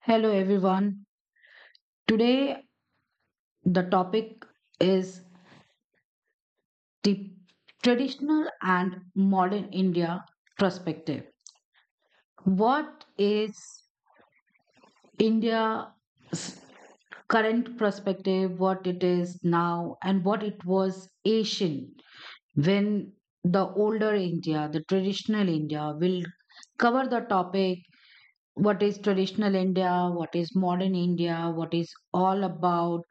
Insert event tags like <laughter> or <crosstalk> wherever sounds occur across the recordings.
Hello everyone. Today the topic is the traditional and modern India perspective. What is India's current perspective, what it is now, and what it was Asian when the older India, the traditional India, will cover the topic what is traditional India, what is modern India, what is all about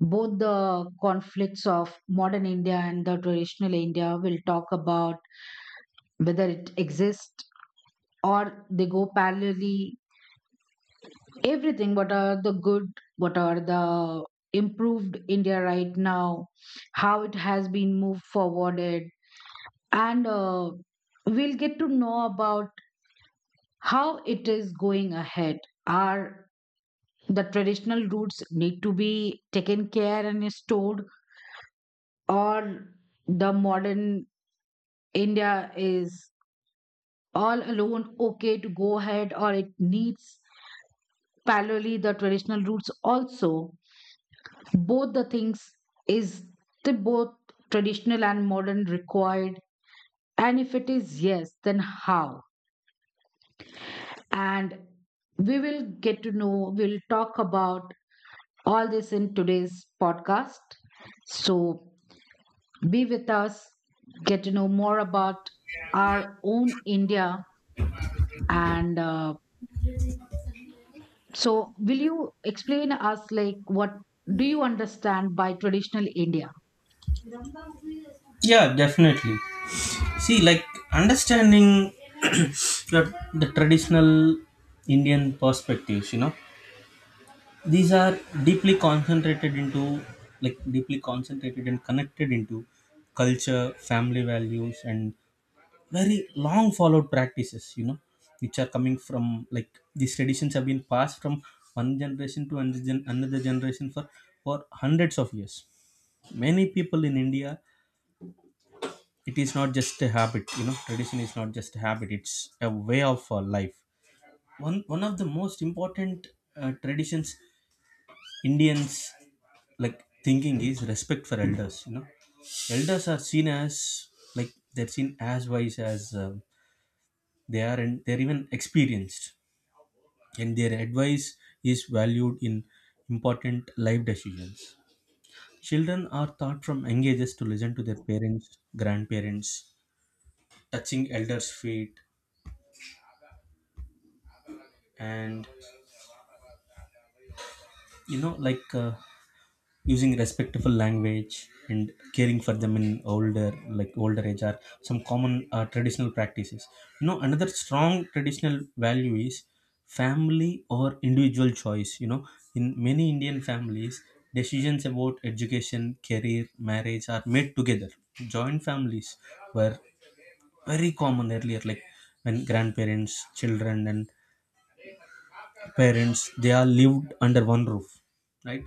both the conflicts of modern India and the traditional India will talk about whether it exists or they go parallelly. Everything, what are the good, what are the improved India right now, how it has been moved forwarded, and we'll get to know about how it is going ahead. Are the traditional roots need to be taken care and stored, or the modern India is all alone okay to go ahead or it needs parallelly the traditional routes also. Both the things is the both traditional and modern required? And if it is yes, then how? And we will get to know, we'll talk about all this in today's podcast. So be with us, get to know more about our own India. And So, will you explain us like what do you understand by traditional India? Yeah, definitely. See, like understanding <clears throat> the traditional Indian perspectives, you know, these are deeply concentrated into, like, deeply concentrated and connected into culture, family values, and very long followed practices, you know, which are coming from, like, these traditions have been passed from one generation to another generation for hundreds of years. Many people in India, it is not just a habit, you know, tradition is not just a habit, it's a way of life. One of the most important traditions Indians like thinking is respect for elders, you know. Elders are seen as, like, they're seen as wise as, they are, and they're even experienced, and their advice is valued in important life decisions. Children are taught from young ages to listen to their parents, grandparents, touching elders' feet, and, you know, like, using respectful language and caring for them in older, like, older age are some common traditional practices. You know, another strong traditional value is family or individual choice. You know, in many Indian families, decisions about education, career, marriage are made together. Joint families were very common earlier, like, when grandparents, children and parents, they are lived under one roof, right?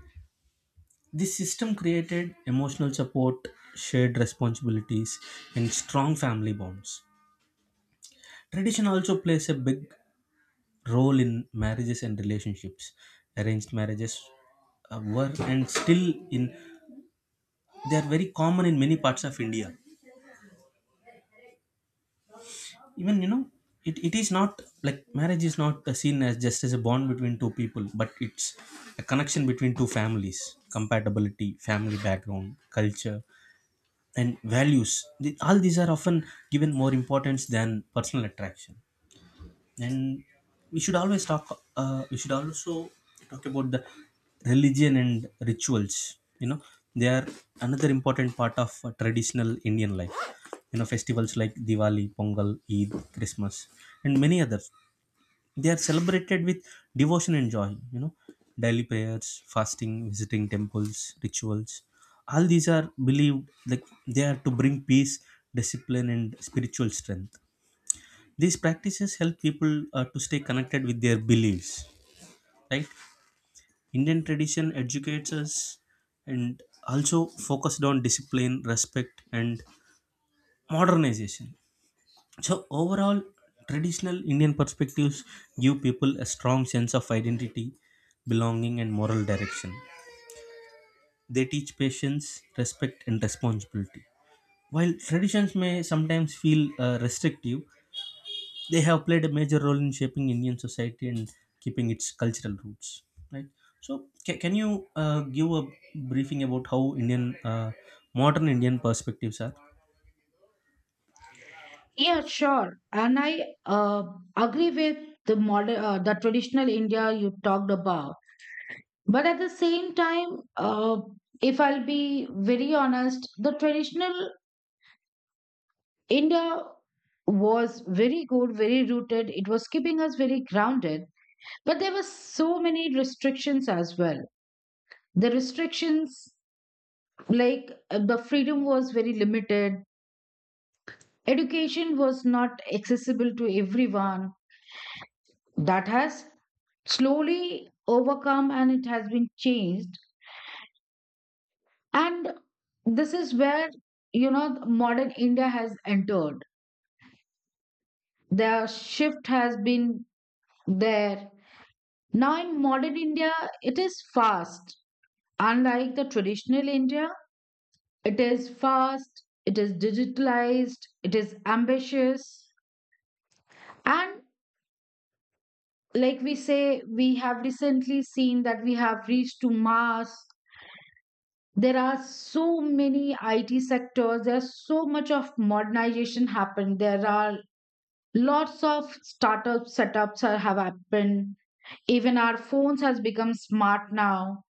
This system created emotional support, shared responsibilities, and strong family bonds. Tradition also plays a big role in marriages and relationships. Arranged marriages, were and still in, they are very common in many parts of India. Even, you know, it is not like, marriage is not seen as just as a bond between two people, but it's a connection between two families, compatibility, family background, culture, and values, all these are often given more importance than personal attraction. And we should always talk, we should also talk about the religion and rituals. You know, they are another important part of traditional Indian life. You know, festivals like Diwali, Pongal, Eid, Christmas, and many others, they are celebrated with devotion and joy, you know, daily prayers, fasting, visiting temples, rituals. All these are believed, like, they are to bring peace, discipline, and spiritual strength. These practices help people to stay connected with their beliefs, right? Indian tradition educates us and also focused on discipline, respect, and modernization. So overall, traditional Indian perspectives give people a strong sense of identity, belonging, and moral direction. They teach patience, respect, and responsibility. While traditions may sometimes feel restrictive, they have played a major role in shaping Indian society and keeping its cultural roots. Right. So, can you give a briefing about how Indian, modern Indian perspectives are? Yeah, sure. And I agree with the traditional India you talked about. But at the same time, uh, if I'll be very honest, the traditional India was very good, very rooted. It was keeping us very grounded. But there were so many restrictions as well. The restrictions, like the freedom was very limited. Education was not accessible to everyone. That has slowly overcome and it has been changed. And this is where, you know, modern India has entered. The shift has been there. Now, in modern India, it is fast. Unlike the traditional India, it is fast, it is digitalized, it is ambitious, and like we say, we have recently seen that we have reached to Mars. There are so many IT sectors, there's so much of modernization happened. There are lots of startup setups are, have happened. Even our phones has become smart now.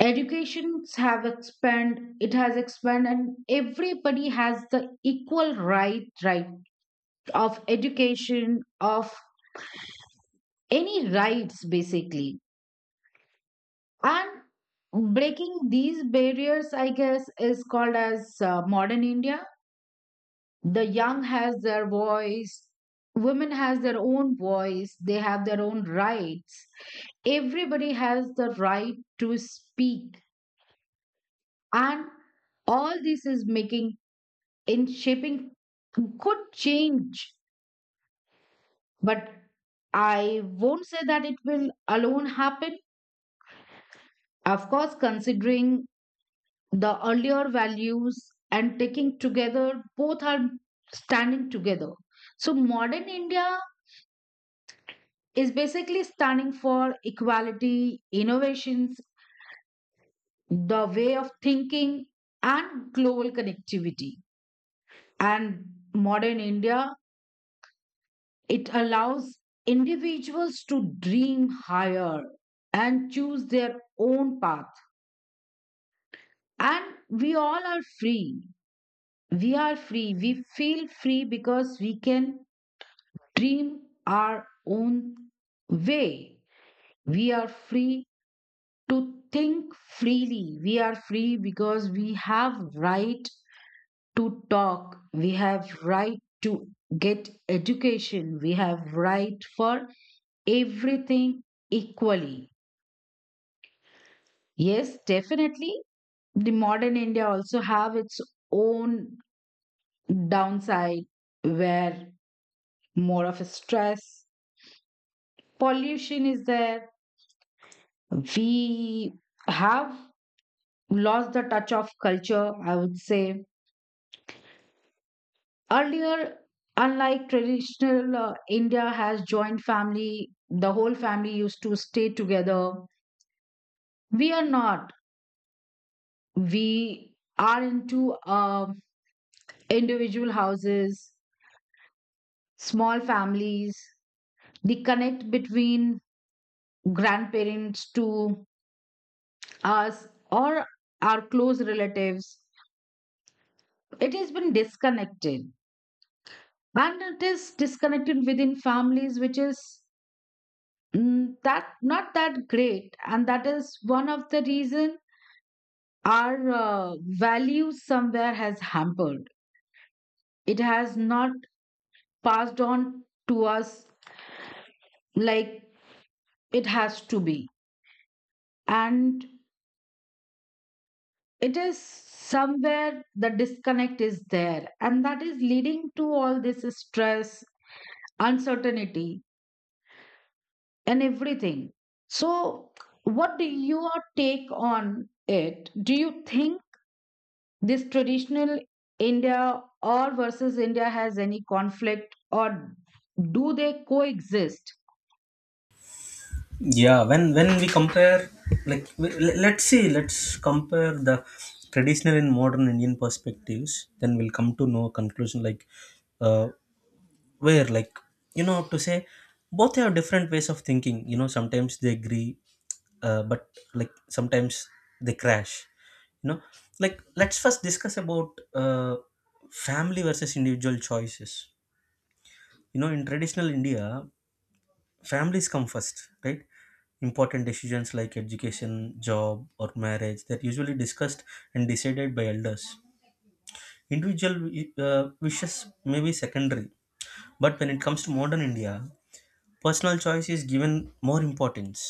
Educations have expand, it has expand, and everybody has the equal right of education of any rights basically. And breaking these barriers I guess is called as modern India. The young has their voice, women has their own voice, they have their own rights. Everybody has the right to speak. And all this is making in shaping could change. But I won't say that it will alone happen. Of course, considering the earlier values and taking together, both are standing together. So modern India is basically standing for equality, innovations, the way of thinking, and global connectivity. And modern India, it allows individuals to dream higher and choose their own path. And we all are free, we are free, we feel free because we can dream our own way. We are free to think freely. We are free because we have right to talk. We have right to get education. We have right for everything equally. Yes, definitely. The modern India also have its own downside, where more of a stress, pollution is there. We have lost the touch of culture, I would say. Earlier, unlike traditional India has joined family, the whole family used to stay together. We are not, we are into um individual houses, small families. The connect between grandparents to us or our close relatives, it has been disconnected. And it is disconnected within families, which is that not that great. And that is one of the reason our values somewhere has hampered. It has not passed on to us like it has to be. And it is somewhere, the disconnect is there, and that is leading to all this stress, uncertainty, and everything. So, what do your take on it? Do you think this traditional India or versus India has any conflict, or do they coexist? Yeah, when we compare, like, let's see, let's compare the traditional and modern Indian perspectives, then we'll come to know a conclusion, like, uh, where, like, you know, to say both have different ways of thinking. You know, sometimes they agree, but, like, sometimes they crash, you know. Like, let's first discuss about family versus individual choices. You know, in traditional India, families come first, right? Important decisions like education, job or marriage, that usually discussed and decided by elders. Individual wishes may be secondary, but when it comes to modern India, personal choice is given more importance.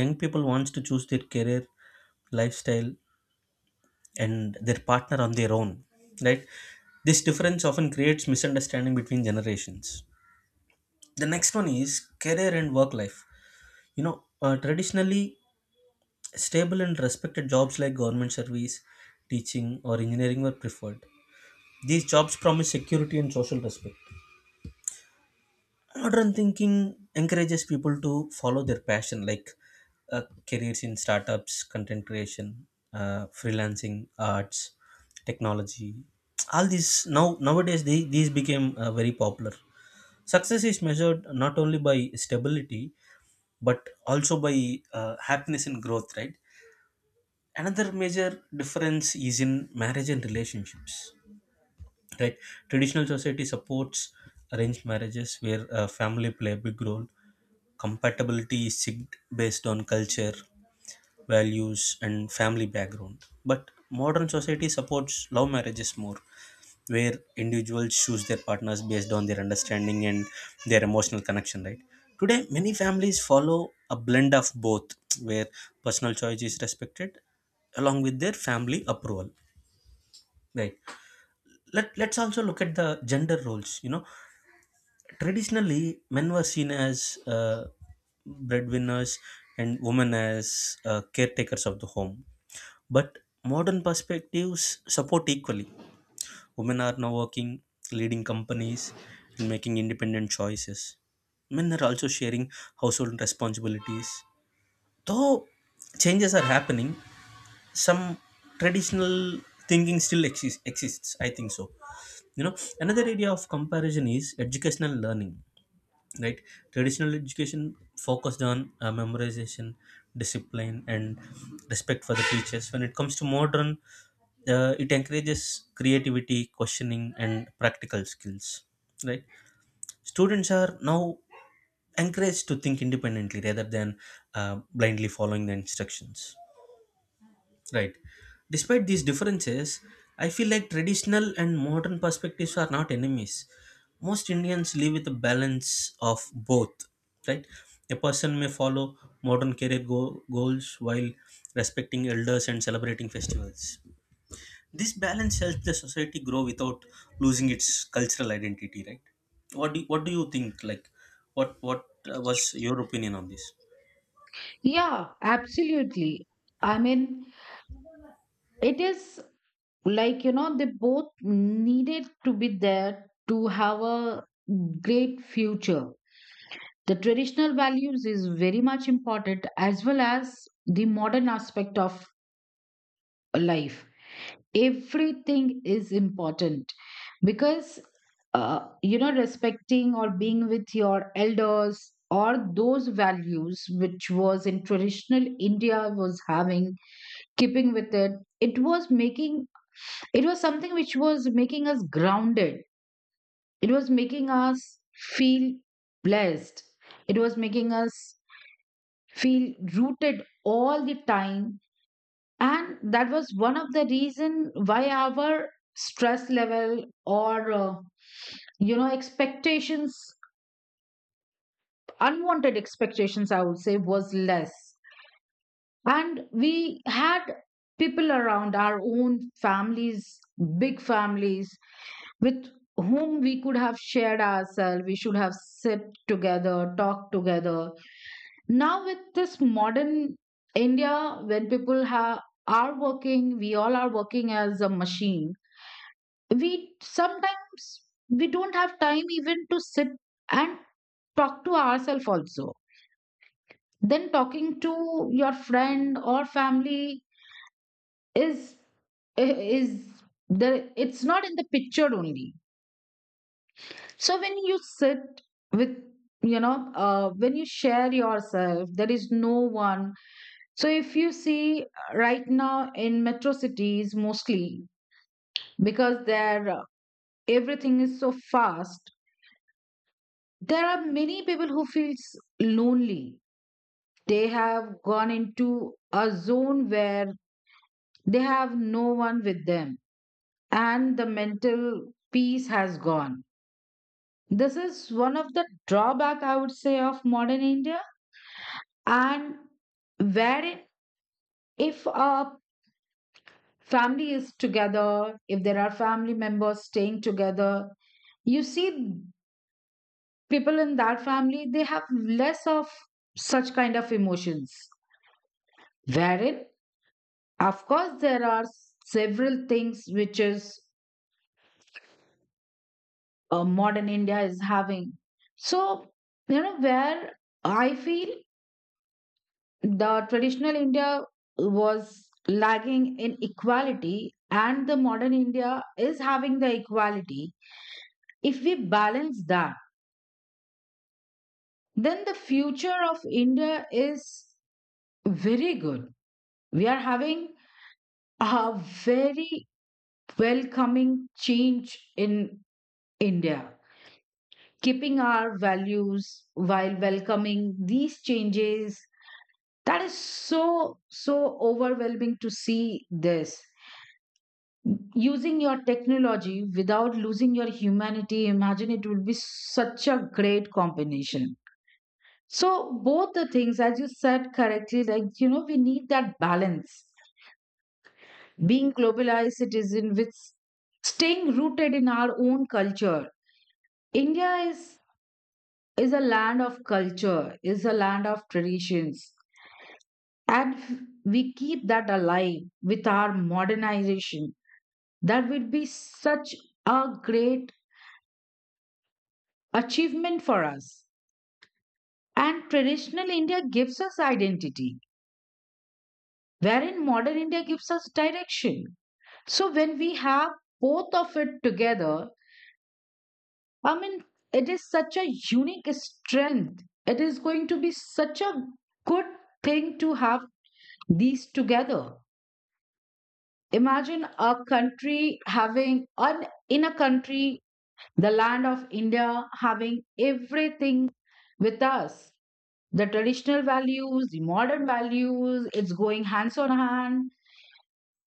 Young people wants to choose their career, lifestyle, and their partner on their own, right? This difference often creates misunderstanding between generations. The next one is career and work life. You know, traditionally, stable and respected jobs like government service, teaching, or engineering were preferred. These jobs promise security and social respect. Modern thinking encourages people to follow their passion, like, uh, careers in startups, content creation, freelancing, arts, technology. All these now nowadays they, these became very popular. Success is measured not only by stability but also by happiness and growth, right? Another major difference is in marriage and relationships, right? Traditional society supports arranged marriages where family play a big role. Compatibility is checked based on culture, values and family background, but modern society supports love marriages more, where individuals choose their partners based on their understanding and their emotional connection, right? Today many families follow a blend of both, where personal choice is respected along with their family approval, right? Let's also look at the gender roles. You know, traditionally men were seen as, breadwinners, and women as caretakers of the home, but modern perspectives support equally. Women are now working, leading companies, and making independent choices. Men are also sharing household responsibilities. Though changes are happening, some traditional thinking still exists. I think so. You know, another area of comparison is educational learning, right? Traditional education focused on memorization, discipline, and respect for the teachers. When it comes to modern, it encourages creativity, questioning and practical skills, right? Students are now encouraged to think independently rather than blindly following the instructions, right? Despite these differences, I feel like traditional and modern perspectives are not enemies. Most Indians live with a balance of both, right? A person may follow modern career goals while respecting elders and celebrating festivals. This balance helps the society grow without losing its cultural identity, right? What do, what do you think? Like, what was your opinion on this? Yeah, absolutely. I mean, it is like, they both needed to be there to have a great future. The traditional values is very much important as well as the modern aspect of life, everything is important. Because respecting or being with your elders or those values which was in traditional India was having, keeping with it, it was making it was something which was making us grounded. It was making us feel blessed. It was making us feel rooted all the time. And that was one of the reason why our stress level or expectations, unwanted expectations I would say was less. And we had people around our own families, big families with whom we could have shared ourselves, we should have sit together, talked together. Now with this modern India, when people have are working, we all are working as a machine. we sometimes we don't have time even to sit and talk to ourselves also. Then talking to your friend or family is is the it's not in the picture only. So when you sit with, when you share yourself there is no one. So if you see, right now in metro cities mostly, because there, everything is so fast. There are many people who feels lonely, they have gone into a zone where they have no one with them, and the mental peace has gone. This is one of the drawback I would say of modern India. And wherein, if a family is together, if there are family members staying together, you see people in that family, they have less of such kind of emotions. Wherein, of course, there are several things which is modern India is having. So, where I feel the traditional India was lagging in equality and the modern India is having the equality. If we balance that, then the future of India is very good. We are having a very welcoming change in India, keeping our values while welcoming these changes. That is so, so overwhelming to see this. Using your technology without losing your humanity, imagine, it will be such a great combination. So, both the things, as you said correctly, like, you know, we need that balance. Being globalized citizen with staying rooted in our own culture. India is a land of culture, is a land of traditions. And we keep that alive with our modernization. That would be such a great achievement for us. And traditional India gives us identity, wherein modern India gives us direction. So when we have both of it together, I mean, it is such a unique strength. It is going to be such a good thing to have these together. Imagine a country having an in a country, the land of India, having everything with us, the traditional values, the modern values, it's going hands on hand.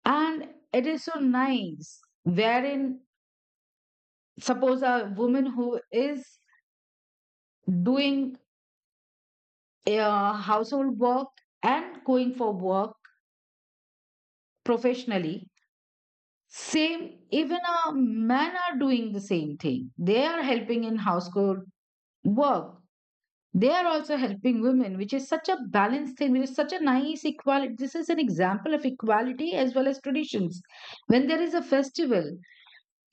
And it is so nice. Wherein, suppose a woman who is doing household work and going for work professionally. Same, even a men are doing the same thing, they are helping in household work. They are also helping women, which is such a balanced thing, which is such a nice equality. This is an example of equality as well as traditions. When there is a festival,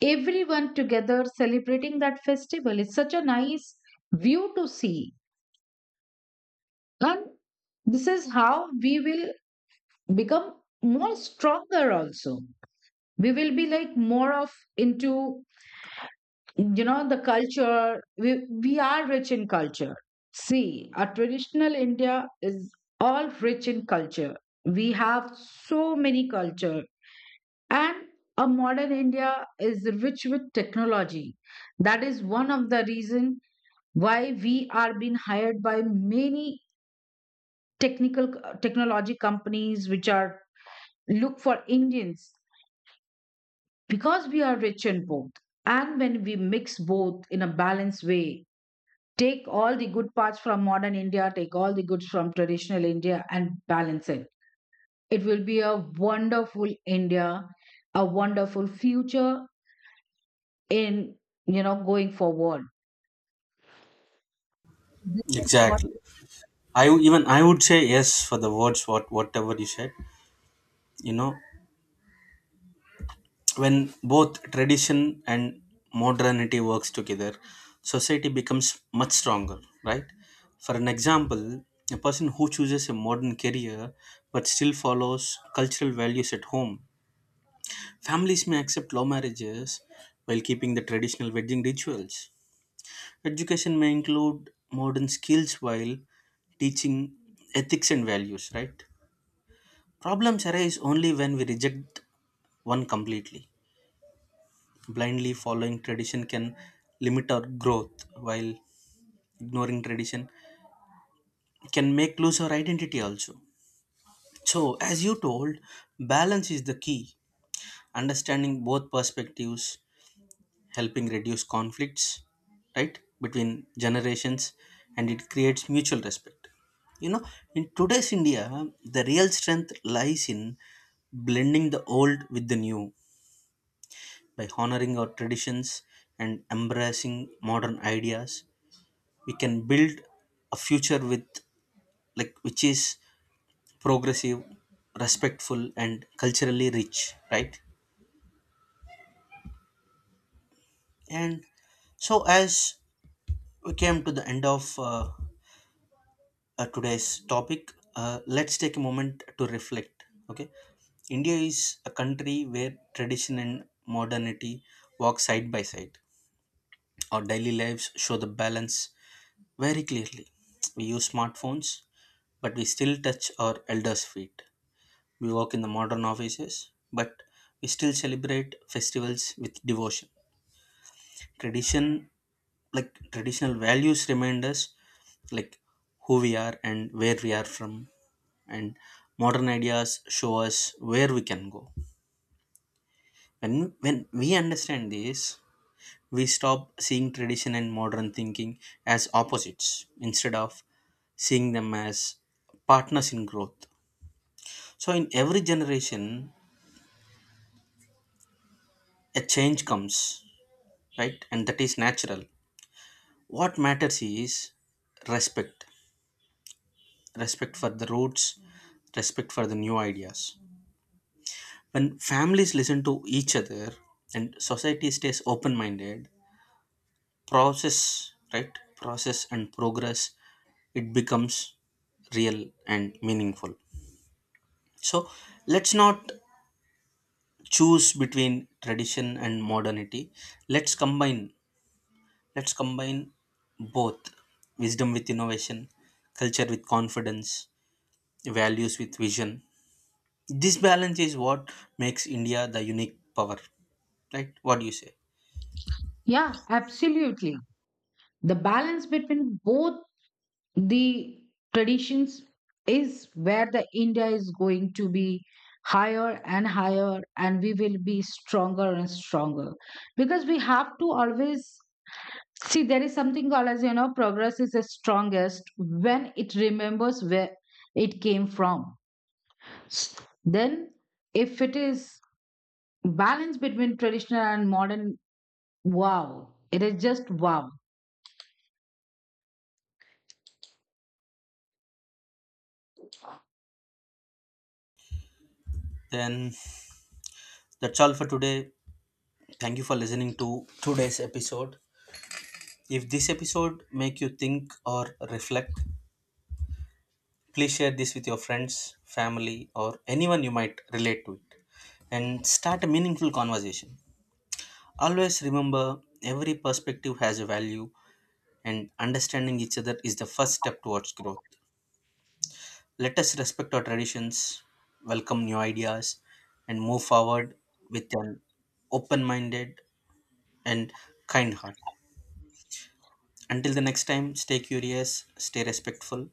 everyone together celebrating that festival is such a nice view to see. And this is how we will become more stronger also. We will be like more of into, you know, the culture. We are rich in culture. See, our traditional India is all rich in culture, we have so many culture. And a modern India is rich with technology. That is one of the reason why we are being hired by many technical technology companies which are look for Indians, because we are rich in both. And when we mix both in a balanced way, take all the good parts from modern India, take all the goods from traditional India, and balance it. It will be a wonderful India, a wonderful future in, going forward. This is what- Exactly. Even I would say yes for the words what whatever you said. You know, when both tradition and modernity works together, society becomes much stronger, right? For an example, a person who chooses a modern career but still follows cultural values at home. Families may accept law marriages while keeping the traditional wedding rituals. Education may include modern skills while teaching ethics and values, right? Problems arise only when we reject one completely. Blindly following tradition can limit our growth, while ignoring tradition can make lose our identity also. So, as you told, balance is the key. Understanding both perspectives helping reduce conflicts, right, between generations, and it creates mutual respect. You know, in today's India, the real strength lies in blending the old with the new. By honoring our traditions and embracing modern ideas, we can build a future with, like, which is progressive, respectful and culturally rich, right? And so as we came to the end of today's topic, let's take a moment to reflect. Okay, India is a country where tradition and modernity walk side by side. Our daily lives show the balance very clearly. We use smartphones, but we still touch our elders' feet. We work in the modern offices, but we still celebrate festivals with devotion. Tradition, like traditional values, remind us, like, who we are and where we are from, and modern ideas show us where we can go. When when we understand this, we stop seeing tradition and modern thinking as opposites, instead of seeing them as partners in growth. So in every generation a change comes, right? And that is natural. What matters is respect. Respect for the roots, respect for the new ideas. When families listen to each other and society stays open minded, process, right, process and progress, it becomes real and meaningful. So let's not choose between tradition and modernity. Let's combine let's combine both, wisdom with innovation, culture with confidence, values with vision. This balance is what makes India the unique power, right? What do you say? Yeah, absolutely. The balance between both the traditions is where the India is going to be higher and higher, and we will be stronger and stronger, because we have to always see, there is something called as, progress is the strongest when it remembers where it came from. S- Then, if it is balance between traditional and modern, wow, it is just wow. Then, that's all for today. Thank you for listening to today's episode. If this episode make you think or reflect, please share this with your friends, family, or anyone you might relate to it and start a meaningful conversation. Always remember every perspective has a value and understanding each other is the first step towards growth. Let us respect our traditions, welcome new ideas and move forward with an open-minded and kind heart. Until the next time, stay curious, stay respectful,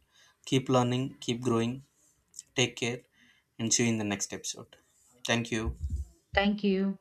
keep learning, keep growing. Take care and see you in the next episode. Thank you. Thank you.